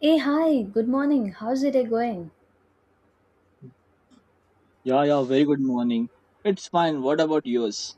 Hey, hi, good morning. How's the day going? Yeah, yeah, very good morning. It's fine. What about yours?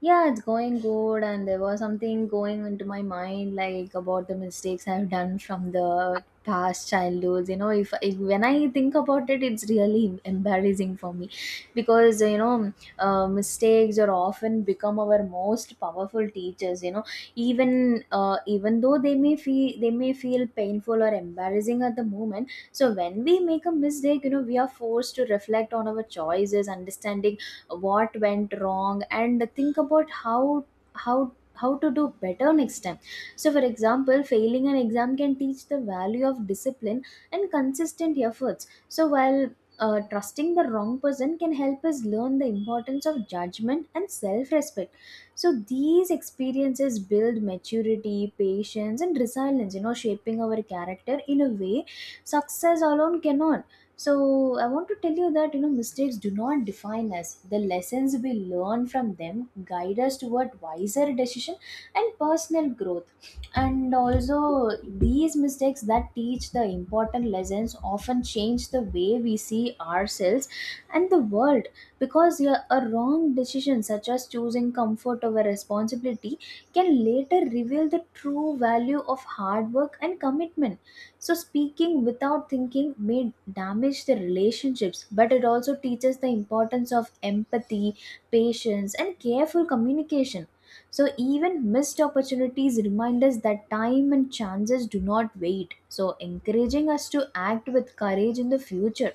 Yeah, it's going good, and there was something going into my mind, like about the mistakes I've done from the past childhoods. You know, if when I think about it, it's really embarrassing for me, because you know, mistakes are often become our most powerful teachers. You know, even though they may feel painful or embarrassing at the moment. So when we make a mistake, you know, we are forced to reflect on our choices, understanding what went wrong and think about how to do better next time. So for example, failing an exam can teach the value of discipline and consistent efforts. So while trusting the wrong person can help us learn the importance of judgment and self-respect. So these experiences build maturity, patience, and resilience, you know, shaping our character in a way success alone cannot. So I want to tell you that, you know, mistakes do not define us. The lessons we learn from them guide us toward wiser decision and personal growth. And also these mistakes that teach the important lessons often change the way we see ourselves and the world, because yeah, a wrong decision such as choosing comfort over responsibility can later reveal the true value of hard work and commitment. So, speaking without thinking may damage the relationships, but it also teaches the importance of empathy, patience, and careful communication. So, even missed opportunities remind us that time and chances do not wait. So, encouraging us to act with courage in the future.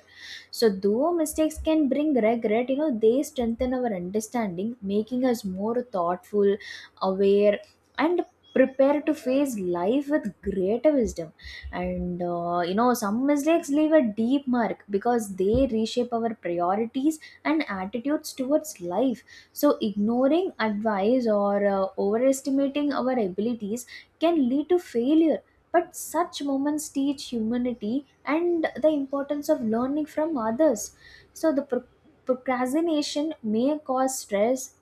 So, though mistakes can bring regret, you know, they strengthen our understanding, making us more thoughtful, aware, and prepared to face life with greater wisdom. And you know, some mistakes leave a deep mark because they reshape our priorities and attitudes towards life. So ignoring advice or overestimating our abilities can lead to failure, but such moments teach humanity and the importance of learning from others. So procrastination may cause stress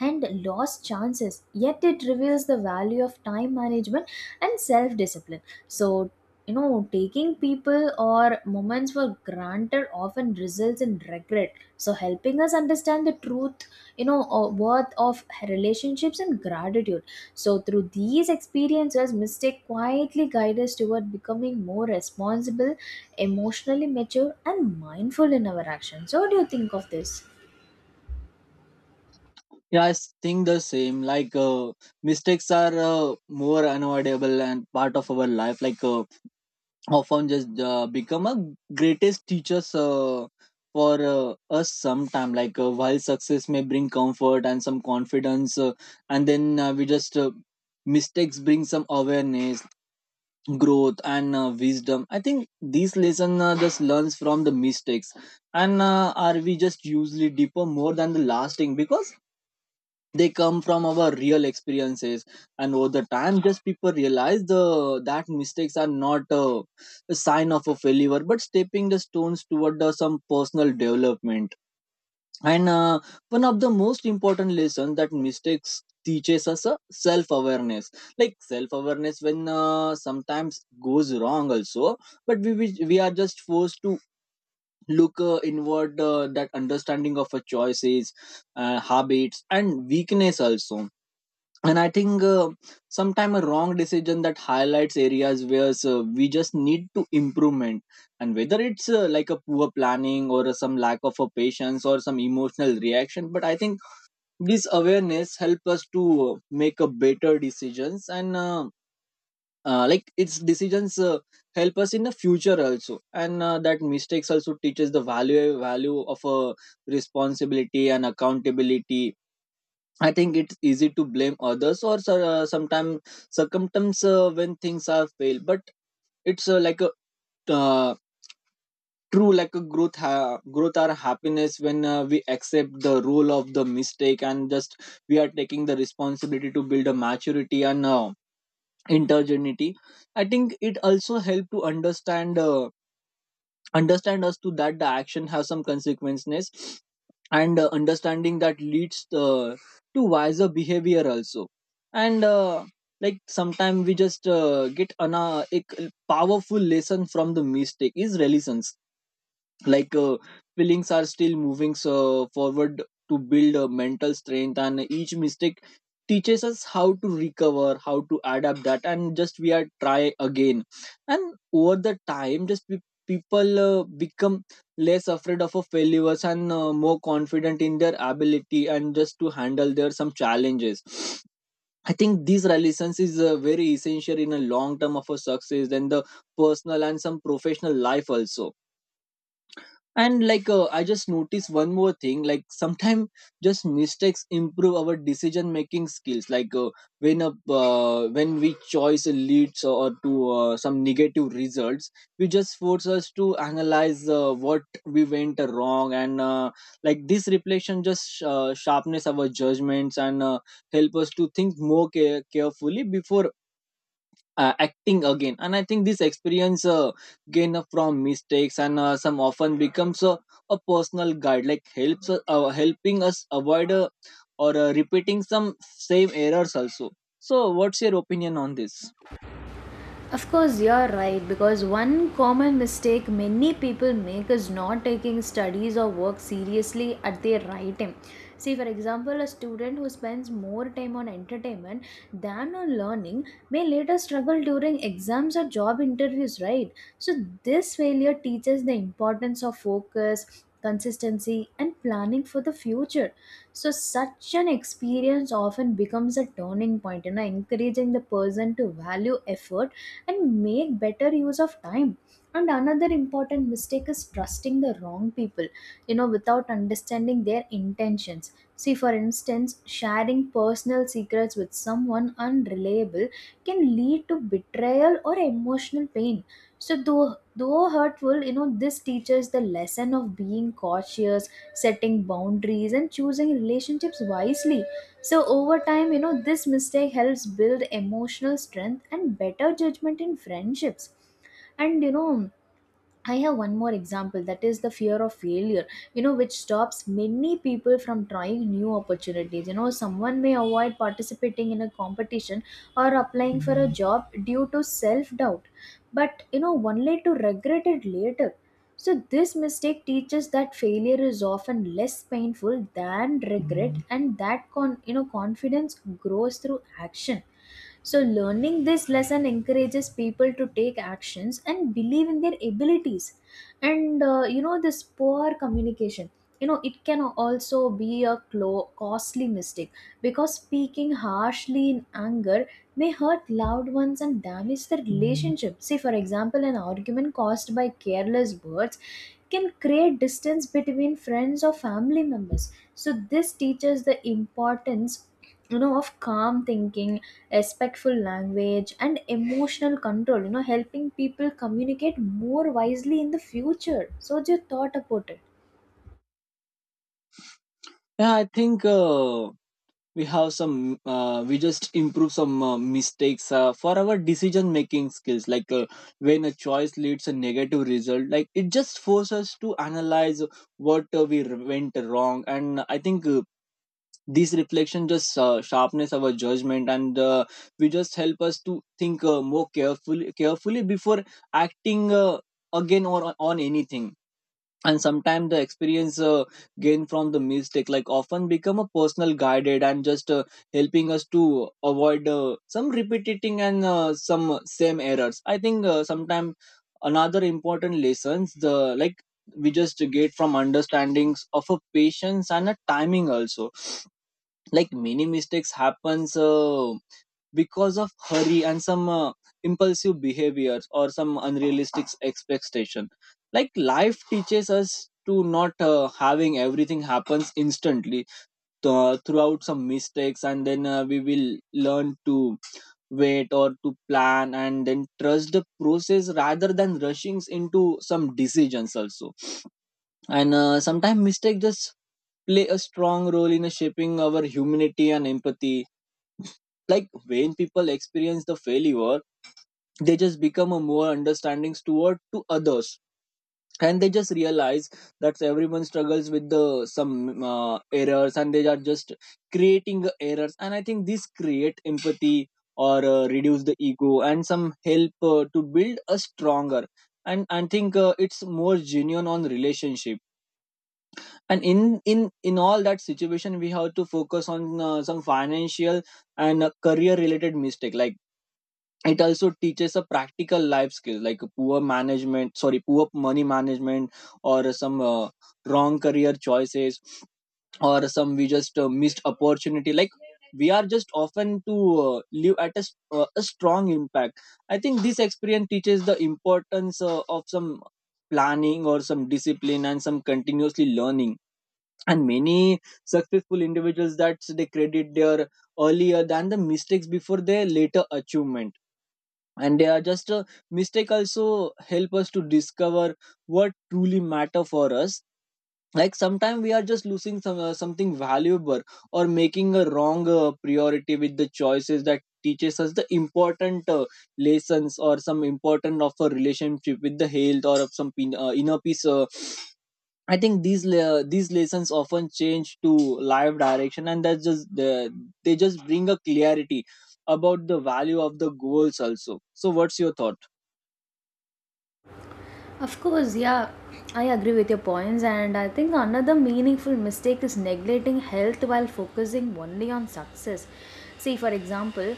and lost chances, yet it reveals the value of time management and self discipline. So, you know, taking people or moments for granted often results in regret, so helping us understand the truth, you know, or worth of relationships and gratitude. So through these experiences, mistake quietly guide us toward becoming more responsible, emotionally mature, and mindful in our actions. So what do you think of this? Yeah, I think the same. Like, mistakes are more unavoidable and part of our life. Like, often just become a greatest teachers for us sometime. Like, while success may bring comfort and some confidence, and then we just mistakes bring some awareness. Growth and wisdom, I think these lesson just learns from the mistakes, and are we just usually deeper more than the lasting, because they come from our real experiences. And over the time, just people realize the that mistakes are not a sign of a failure but stepping the stones toward some personal development and one of the most important lesson that mistakes teaches us a self awareness, like self awareness when sometimes goes wrong also. But we are just forced to look inward, that understanding of our choices, habits and weakness also. And I think sometime a wrong decision that highlights areas where we just need to improvement, and whether it's like a poor planning or some lack of a patience or some emotional reaction. But I think this awareness help us to make a better decisions and like its decisions help us in the future also. And that mistakes also teaches the value of a responsibility and accountability. I think it's easy to blame others or sometimes circumstance when things are fail, but it's like a uh, true like a growth or happiness when we accept the role of the mistake, and just we are taking the responsibility to build a maturity and intergenity. I think it also help to understand. Understand us to that the action has some consequences, and understanding that leads to wiser behavior also. And like sometimes we just get an powerful lesson from the mistake is relevance, like feelings are still moving so forward to build a mental strength. And each mistake teaches us how to recover, how to adapt that, and just we are try again. And over the time, just people become less afraid of a failures and more confident in their ability and just to handle their some challenges. I think these relations is very essential in a long term of a success, and the personal and some professional life also. And like I just noticed one more thing, like sometimes just mistakes improve our decision making skills, like when a when we choice leads or to some negative results, we just force us to analyze what we went wrong. And like this reflection just sharpness our judgments, and help us to think carefully before acting again. And I think this experience gained from mistakes and some often becomes a personal guide, like helps helping us avoid or repeating some same errors also. So what's your opinion on this? Of course, you're right, because one common mistake many people make is not taking studies or work seriously at the right time. See, for example, a student who spends more time on entertainment than on learning may later struggle during exams or job interviews, right? So, this failure teaches the importance of focus, consistency, and planning for the future. So, such an experience often becomes a turning point, you know, encouraging the person to value effort and make better use of time. And another important mistake is trusting the wrong people, you know, without understanding their intentions. See, for instance, sharing personal secrets with someone unreliable can lead to betrayal or emotional pain. So though hurtful, you know, this teaches the lesson of being cautious, setting boundaries, and choosing relationships wisely. So over time, you know, this mistake helps build emotional strength and better judgment in friendships. And you know, I have one more example, that is the fear of failure, you know, which stops many people from trying new opportunities. You know, someone may avoid participating in a competition or applying for a job due to self doubt, but you know, only to regret it later. So, this mistake teaches that failure is often less painful than regret, and that you know, confidence grows through action. So, learning this lesson encourages people to take actions and believe in their abilities. And you know, this poor communication, you know, it can also be a costly mistake, because speaking harshly in anger may hurt loved ones and damage the relationship. See, for example, an argument caused by careless words can create distance between friends or family members. So, this teaches the importance, you know, of calm thinking, respectful language, and emotional control, you know, helping people communicate more wisely in the future. So what's your thought about it? Yeah, I think we have some we just improve some mistakes for our decision making skills, like when a choice leads a negative result, like it just forces us to analyze what we went wrong. And I think these reflection just sharpness our judgment, and we just help us to think more carefully before acting again, or on anything. And sometimes the experience gained from the mistake, like often become a personal guided, and just helping us to avoid some repeating and some same errors. I think sometimes another important lessons the, like we just get from understandings of a patience and a timing also, like many mistakes happens because of hurry and some impulsive behaviors or some unrealistic expectation, like life teaches us to not having everything happens instantly. Throughout some mistakes, and then we will learn to wait or to plan and then trust the process rather than rushing into some decisions also. And sometimes mistake just play a strong role in shaping our humanity and empathy, like when people experience the failure, they just become a more understanding toward to others. And they just realize that everyone struggles with the some errors, and they are just creating errors. And I think this create empathy or reduce the ego and some help to build a stronger. And I think it's more genuine on relationship. And in in all that situation, we have to focus on some financial and career related mistake, like it also teaches a practical life skill, like poor management, sorry, poor money management or some wrong career choices, or some we just missed opportunity, like we are just often to live at a strong impact. I think this experience teaches the importance of some planning or some discipline and some continuously learning. And many successful individuals, that they credit their earlier than the mistakes before their later achievement. And they are just a mistake also help us to discover what truly matter for us, like sometimes we are just losing some something valuable or making a wrong priority with the choices, that teaches us the important lessons or some important of a relationship with the health or of some inner peace. I think these lessons often change to live direction, and that's just the, they just bring a clarity about the value of the goals also. So, what's your thought? Of course, yeah, I agree with your points, and I think another meaningful mistake is neglecting health while focusing only on success. See, for example,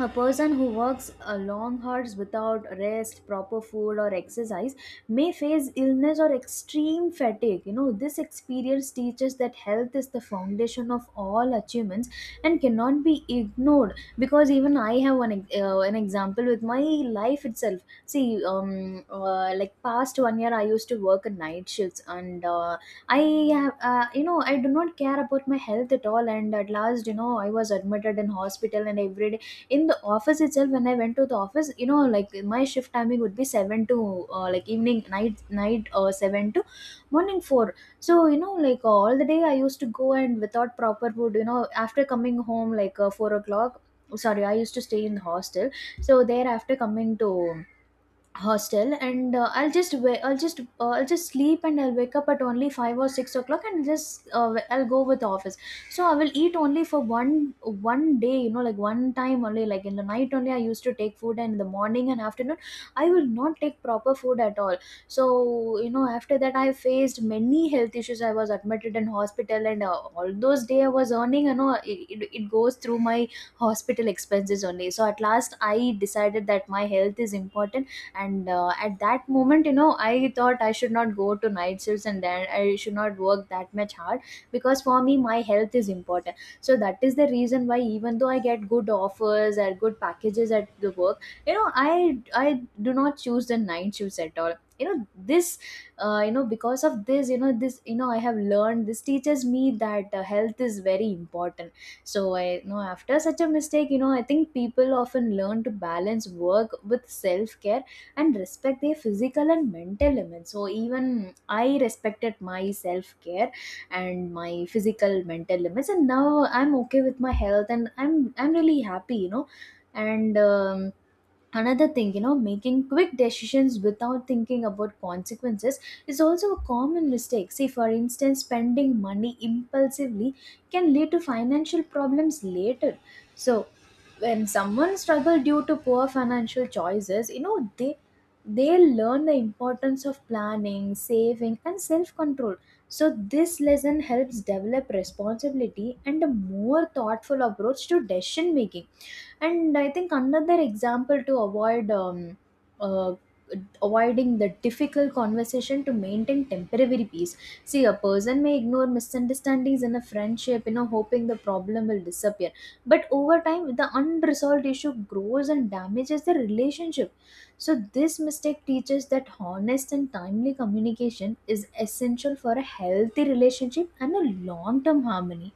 a person who works long hours without rest, proper food, or exercise may face illness or extreme fatigue. You know, this experience teaches that health is the foundation of all achievements and cannot be ignored. Because even I have an example with my life itself. See, like past 1 year, I used to work in night shifts, and I have, you know, I do not care about my health at all. And at last, you know, I was admitted in hospital, and every day in the office itself, when I went to the office, you know, like my shift timing would be 7 to like evening, night night 7 to morning 4. So you know, like all the day I used to go and without proper food, you know, after coming home like 4 o'clock. Sorry, I used to stay in hostel. So there, after coming to hostel and I'll just sleep and I'll wake up at only 5 or 6 o'clock, and just I'll go with the office. So I will eat only for one day, you know, like one time only, like in the night only I used to take food, and in the morning and afternoon I will not take proper food at all. So you know, after that I faced many health issues, I was admitted in hospital, and all those day I was earning, you know, it goes through my hospital expenses only. So at last I decided that my health is important. And at that moment, you know, I thought I should not go to night shifts, and then I should not work that much hard, because for me my health is important. So that is the reason why, even though I get good offers or good packages at the work, you know, I do not choose the night shifts at all. You know, this you know because of this you know I have learned, this teaches me that health is very important. So I, you know, after such a mistake, you know, I think people often learn to balance work with self care and respect their physical and mental limits. So even I respected my self care and my physical mental limits, and now I'm okay with my health, and I'm really happy, you know. And another thing, you know, making quick decisions without thinking about consequences is also a common mistake. See, for instance, spending money impulsively can lead to financial problems later. So when someone struggles due to poor financial choices, you know, they learn the importance of planning, saving, and self control. So this lesson helps develop responsibility and a more thoughtful approach to decision making. And I think another example, to uh, avoiding the difficult conversation to maintain temporary peace. See, a person may ignore misunderstandings in a friendship, you know, hoping the problem will disappear. But over time, the unresolved issue grows and damages the relationship. So, this mistake teaches that honest and timely communication is essential for a healthy relationship and a long term harmony.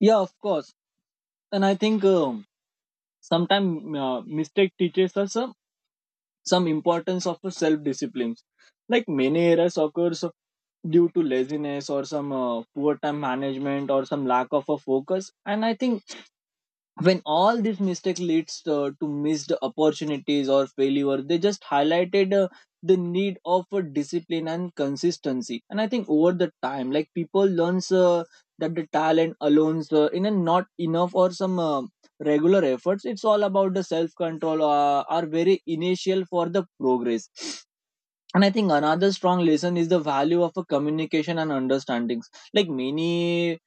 Yeah, of course. And I think sometimes mistake teaches us some importance of self discipline. Like many errors occurs due to laziness or some poor time management or some lack of a focus. And I think when all this mistake leads to missed opportunities or failure, they just highlighted the need of discipline and consistency. And I think over the time, like people learns that the talent alone in a not enough, or some regular efforts, it's all about the self control are very initial for the progress. And I think another strong lesson is the value of a communication and understandings, like many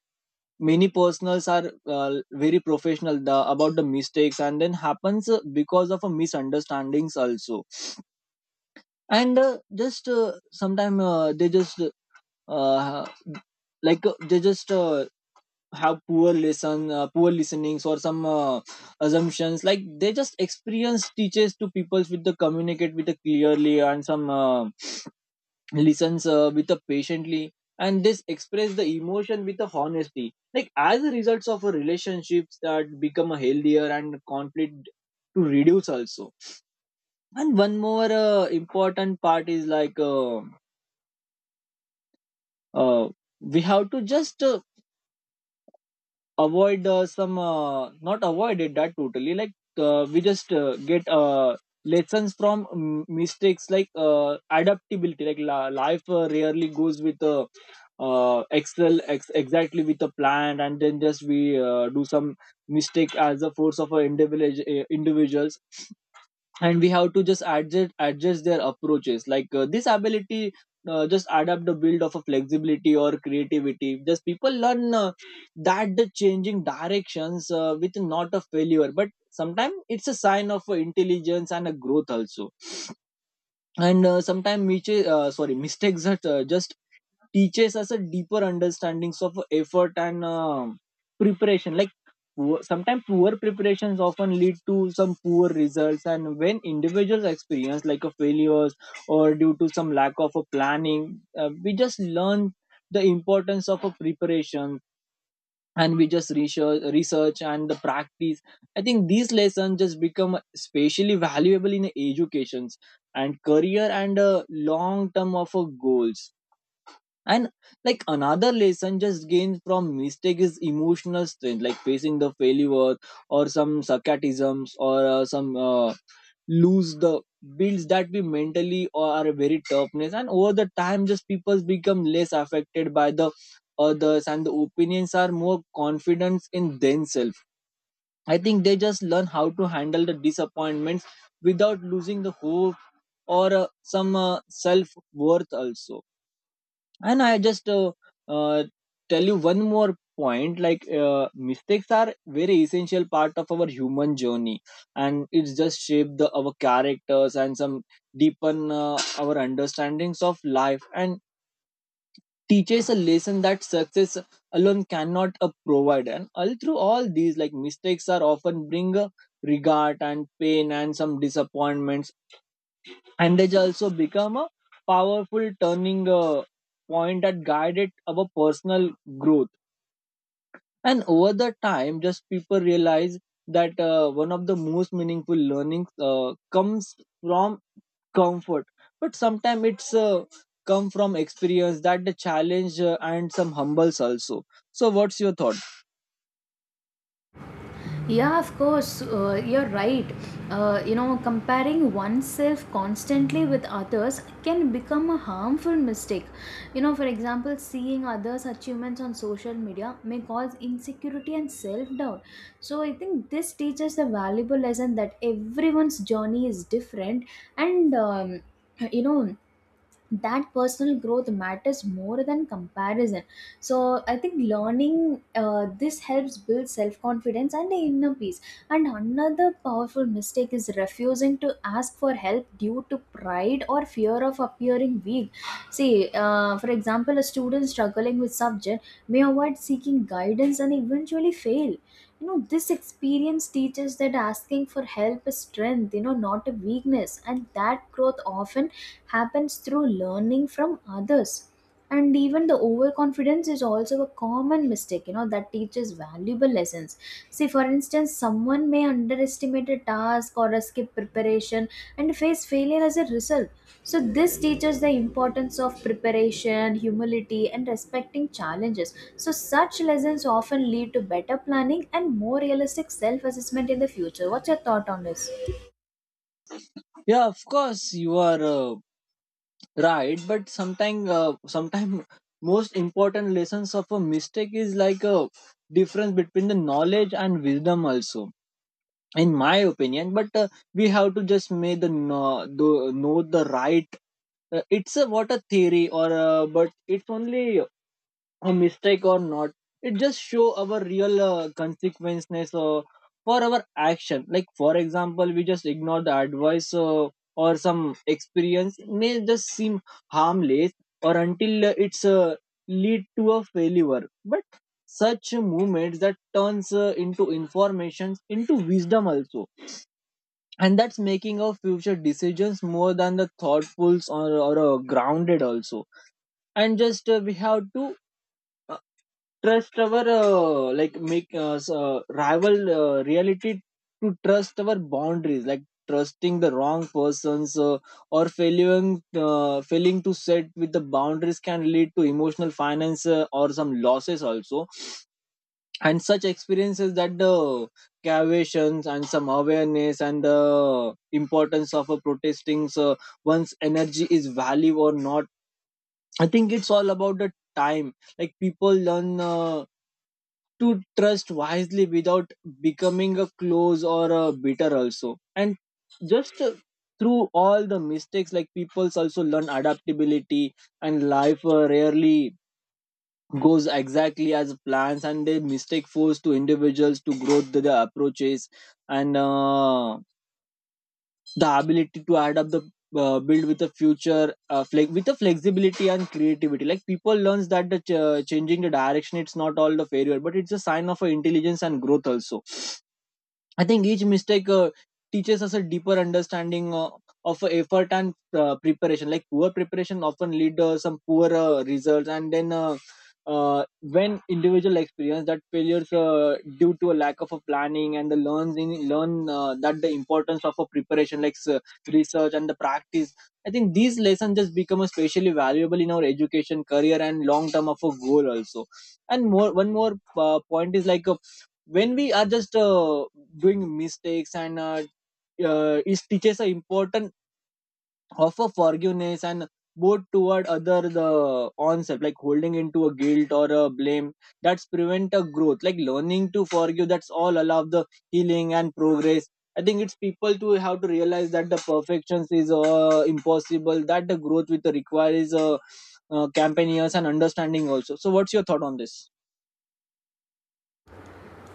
personals are very professional the, about the mistakes, and then happens because of a misunderstandings also. And just sometime they just uh, like they just have poor listenings or some assumptions, like they just experience teaches to people with the communicate with the clearly and some listens with a patiently. And this express the emotion with a honesty, like as a result of a relationships that become a healthier, and conflict to reduce also. And one more important part is like uh, we have to just avoid some not avoid it that totally, like we just get lessons from mistakes, like adaptability, like life rarely goes with exactly with a plan. And then just we do some mistake as a force of our individuals, and we have to just adjust their approaches, like this ability just adapt the build of a flexibility or creativity. Just people learn that the changing directions with not a failure, but sometimes it's a sign of intelligence and a growth also. And sometimes sorry, mistakes that just teaches us a deeper understandings of effort and preparation, like sometimes poor preparations often lead to some poor results. And when individuals experience like a failures or due to some lack of a planning, we just learn the importance of a preparation, and we just research and the practice. I think these lessons just become especially valuable in educations and career, and long term of goals. And like another lesson just gained from mistake is emotional strength, like facing the failure or some sarcasms, or some lose the builds, that we mentally or are a very toughness. And over the time, just people become less affected by the others, and the opinions are more confident in themselves. I think they just learn how to handle the disappointments without losing the hope or some self worth also. And I just uh, tell you one more point, like mistakes are very essential part of our human journey, and it's just shape the our characters and some deepen our understandings of life and teaches a lesson that success alone cannot provide. And all through all these, like mistakes are often bring regret and pain and some disappointments, and they also become a powerful turning point that guided our personal growth. And over the time, just people realize that one of the most meaningful learnings comes from comfort, but sometimes it's come from experience that the challenge and some humbles also. So what's your thought? Yeah, of course, you're right. You know, comparing oneself constantly with others can become a harmful mistake. You know, for example, seeing others' achievements on social media may cause insecurity and self doubt. So, I think this teaches a valuable lesson that everyone's journey is different and you know that personal growth matters more than comparison. So, I think learning this helps build self confidence and inner peace. And another powerful mistake is refusing to ask for help due to pride or fear of appearing weak. See, for example, a student struggling with subject may avoid seeking guidance and eventually fail. You know, this experience teaches that asking for help is strength, not a weakness, and that growth often happens through learning from others. And even the overconfidence is also a common mistake, that teaches valuable lessons. See, for instance, someone may underestimate a task or a skip preparation and face failure as a result. So, this teaches the importance of preparation, humility, and respecting challenges. So, such lessons often lead to better planning and more realistic self assessment in the future. What's your thought on this? Yeah, of course you are right, but sometimes sometime most important lessons of a mistake is like a difference between the knowledge and wisdom also, in my opinion. But we have to just make know the right, it's a what a theory or but it's only a mistake or not. It just show our real consequences for our action. Like, for example, we just ignore the advice or some experience may just seem harmless or until it's lead to a failure. But such movements that turns into information into wisdom also, and that's making our future decisions more than the thoughtful or grounded also. And just we have to trust our like make us rival reality, to trust our boundaries, like trusting the wrong persons or failing to set with the boundaries can lead to emotional finance or some losses also. And such experiences that the caviations and some awareness and the importance of a protesting one's energy is value or not. I think it's all about the time. Like people learn to trust wisely without becoming a close or a bitter also. And just through all the mistakes, like people also learn adaptability, and life rarely goes exactly as plans, and they mistake force to individuals to grow the approaches and the ability to add up the build with a future with a flexibility and creativity. Like people learns that the changing the direction it's not all the failure, but it's a sign of a intelligence and growth also. I think each mistake teaches us a deeper understanding of effort and preparation. Like poor preparation often lead some poor results, and then when individual experience that failures due to a lack of a planning and the learns in learn that the importance of a preparation, like research and the practice. I think these lessons just become especially valuable in our education, career, and long term of a goal also. And one more point is like a when we are just doing mistakes, and it teaches an important of a forgiveness and both toward other the onset, like holding into a guilt or a blame that's prevent a growth. Like learning to forgive that's all allow the healing and progress. I think it's people to have to realize that the perfections is impossible, that the growth with the requires campaign and understanding also. So what's your thought on this?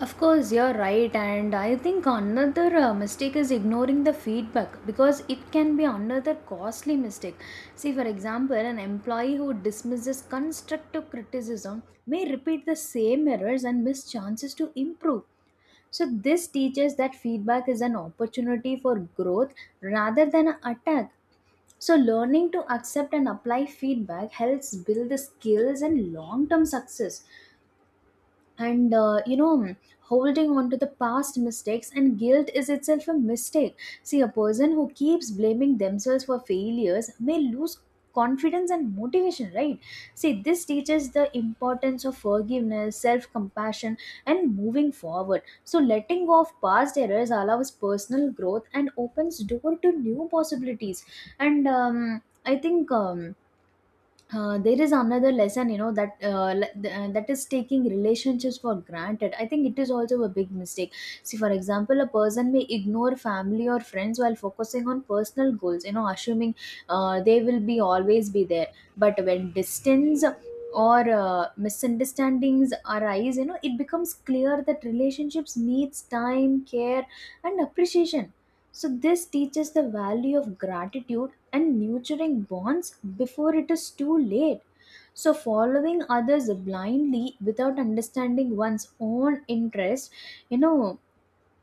Of course, you're right, and I think another mistake is ignoring the feedback, because it can be another costly mistake. See, for example, an employee who dismisses constructive criticism may repeat the same errors and miss chances to improve. So, this teaches that feedback is an opportunity for growth rather than an attack. So, learning to accept and apply feedback helps build the skills and long term success. And holding on to the past mistakes and guilt is itself a mistake. See, a person who keeps blaming themselves for failures may lose confidence and motivation, right? See, this teaches the importance of forgiveness, self compassion, and moving forward. So, letting go of past errors allows personal growth and opens door to new possibilities. And I think there is another lesson, you know, that is taking relationships for granted. I think it is also a big mistake. See, for example, a person may ignore family or friends while focusing on personal goals, you know, assuming they will be always be there. But when distance or misunderstandings arise, you know, it becomes clear that relationships needs time, care, and appreciation. So, this teaches the value of gratitude and nurturing bonds before it is too late. So, following others blindly without understanding one's own interest, you know,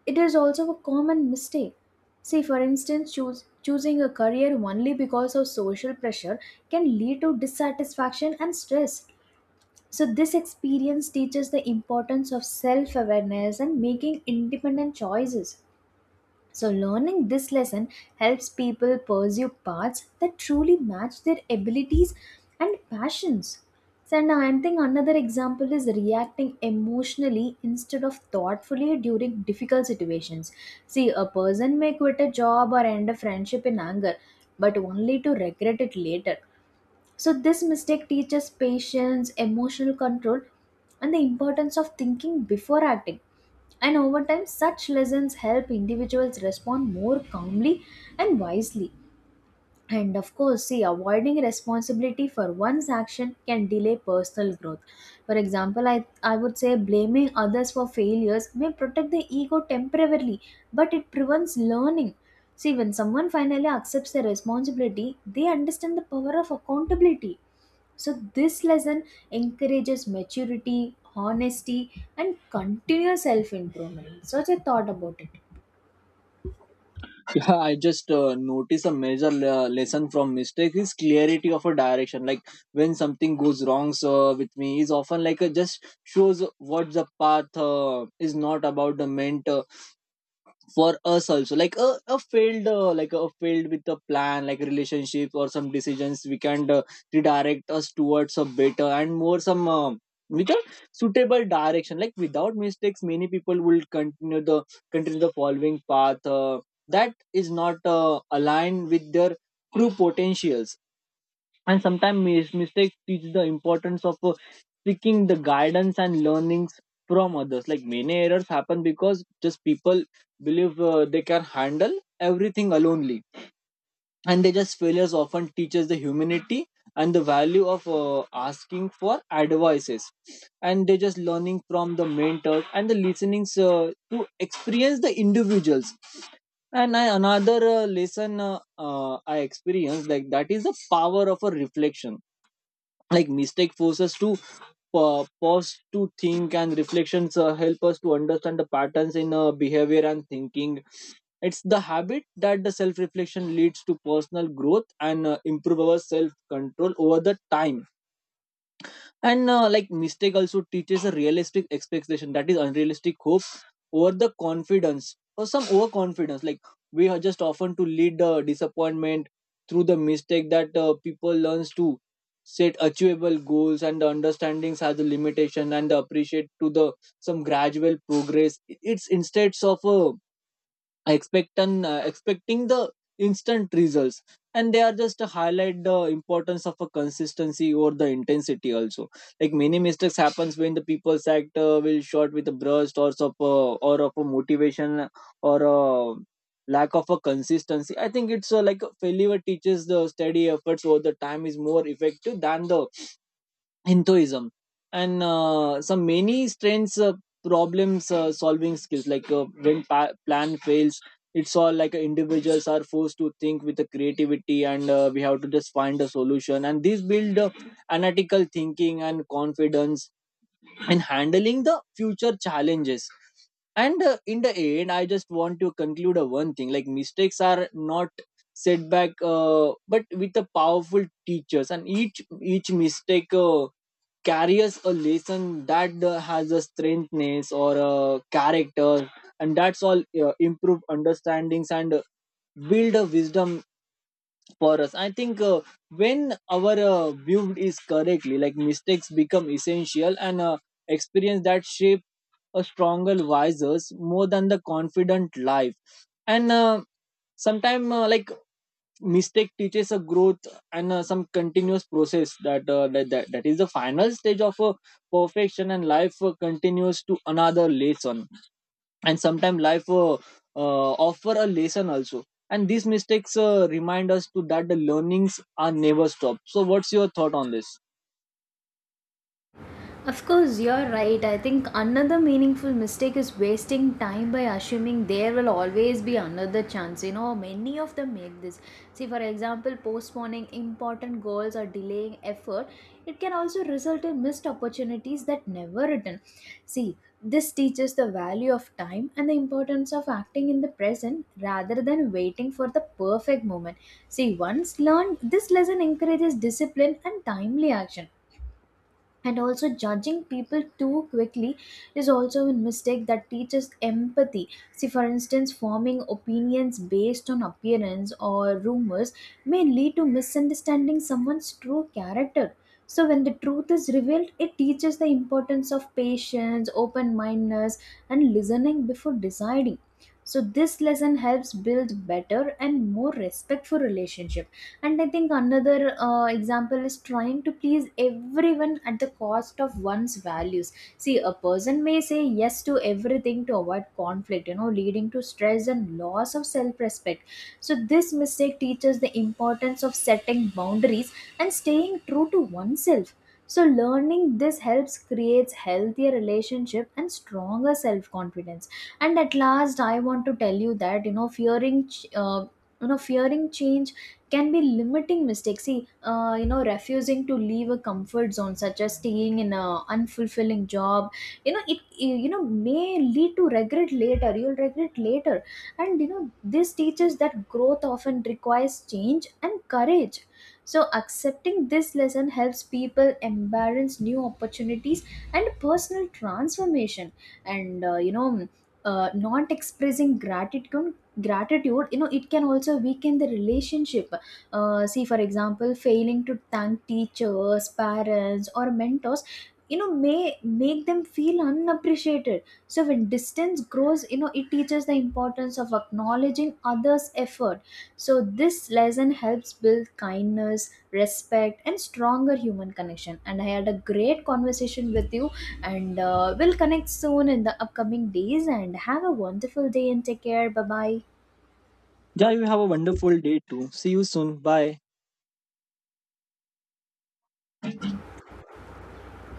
it is also a common mistake. See, for instance, choosing a career only because of social pressure can lead to dissatisfaction and stress. So, this experience teaches the importance of self awareness and making independent choices. So, learning this lesson helps people pursue paths that truly match their abilities and passions. So, and I think another example is reacting emotionally instead of thoughtfully during difficult situations. See, a person may quit a job or end a friendship in anger, but only to regret it later. So, this mistake teaches patience, emotional control, and the importance of thinking before acting. And over time, such lessons help individuals respond more calmly and wisely. And of course, see, avoiding responsibility for one's action can delay personal growth. For example, I would say blaming others for failures may protect the ego temporarily, but it prevents learning. See, when someone finally accepts their responsibility, they understand the power of accountability. So, this lesson encourages maturity, honesty, and continuous self improvement. So, just thought about it. Yeah, I just notice a major lesson from mistake is clarity of a direction. Like when something goes wrong so with me is often like just shows what the path is not about the meant for us also, like a field like a field with a plan, like relationship or some decisions we can redirect us towards a better and more some with a suitable direction. Like without mistakes, many people will continue the following path that is not aligned with their true potentials. And sometimes mistakes teach the importance of seeking the guidance and learnings from others, like many errors happen because just people believe they can handle everything alonely. And they just failures often teaches the humanity and the value of asking for advices, and they just learning from the mentors and the listenings to experience the individuals. And another lesson I experienced, like that is the power of a reflection, like mistake forces to pause to think, and reflections help us to understand the patterns in behavior and thinking. It's the habit that the self reflection leads to personal growth and improve our self control over the time. And like mistake also teaches a realistic expectation, that is unrealistic hope over the confidence or some overconfidence, like we are just often to lead the disappointment. Through the mistake that people learns to set achievable goals and the understandings has a limitation, and the appreciate to the some gradual progress it's instead of a expect expecting the instant results. And they are just to highlight the importance of a consistency or the intensity also, like many mistakes happens when the people's act will short with a burst or of a motivation or a lack of a consistency. I think it's like failure teaches the steady efforts over the time is more effective than the hinduism. And some many strange problems solving skills, like when plan fails, it's all like individuals are forced to think with the creativity, and we have to just find a solution, and this build analytical thinking and confidence in handling the future challenges. And in the end, I just want to conclude a one thing, like mistakes are not setback but with the powerful teachers, and each mistake carry us a lesson that has a strengthness or a character, and that's all improve understandings and build a wisdom for us. I think when our view is correctly, like mistakes become essential and experience that shape a stronger, wiser, more than the confident life. And sometimes like mistake teaches a growth and some continuous process that is the final stage of perfection, and life continues to another lesson. And sometimes life offer a lesson also, and these mistakes remind us to that the learnings are never stop. So what's your thought on this? Of course, you're right. I think another meaningful mistake is wasting time by assuming there will always be another chance. You know, many of them make this. See, for example, postponing important goals or delaying effort, it can also result in missed opportunities that never return. See, this teaches the value of time and the importance of acting in the present rather than waiting for the perfect moment. See, once learned, this lesson encourages discipline and timely action. And also, judging people too quickly is also a mistake that teaches empathy. See, for instance, forming opinions based on appearance or rumors may lead to misunderstanding someone's true character. So, when the truth is revealed, it teaches the importance of patience, open mindedness, and listening before deciding. So, this lesson helps build better and more respectful relationship. And I think another example is trying to please everyone at the cost of one's values. See, a person may say yes to everything to avoid conflict, you know, leading to stress and loss of self respect. So, this mistake teaches the importance of setting boundaries and staying true to oneself. So, learning this helps creates healthier relationship and stronger self confidence. And at last, I want to tell you that, you know, fearing change can be limiting mistakes. See, refusing to leave a comfort zone, such as staying in a unfulfilling job, you know, it you know may lead to regret later. You'll regret later, and you know, this teaches that growth often requires change and courage. So, accepting this lesson helps people embrace new opportunities and personal transformation. And not expressing gratitude, you know, it can also weaken the relationship. See, for example, failing to thank teachers, parents, or mentors, you know, may make them feel unappreciated. So, when distance grows, you know, it teaches the importance of acknowledging others effort. So, this lesson helps build kindness, respect, and stronger human connection. And I had a great conversation with you, and we'll connect soon in the upcoming days. And have a wonderful day and take care. Bye bye. Yeah, you have a wonderful day too. See you soon. Bye.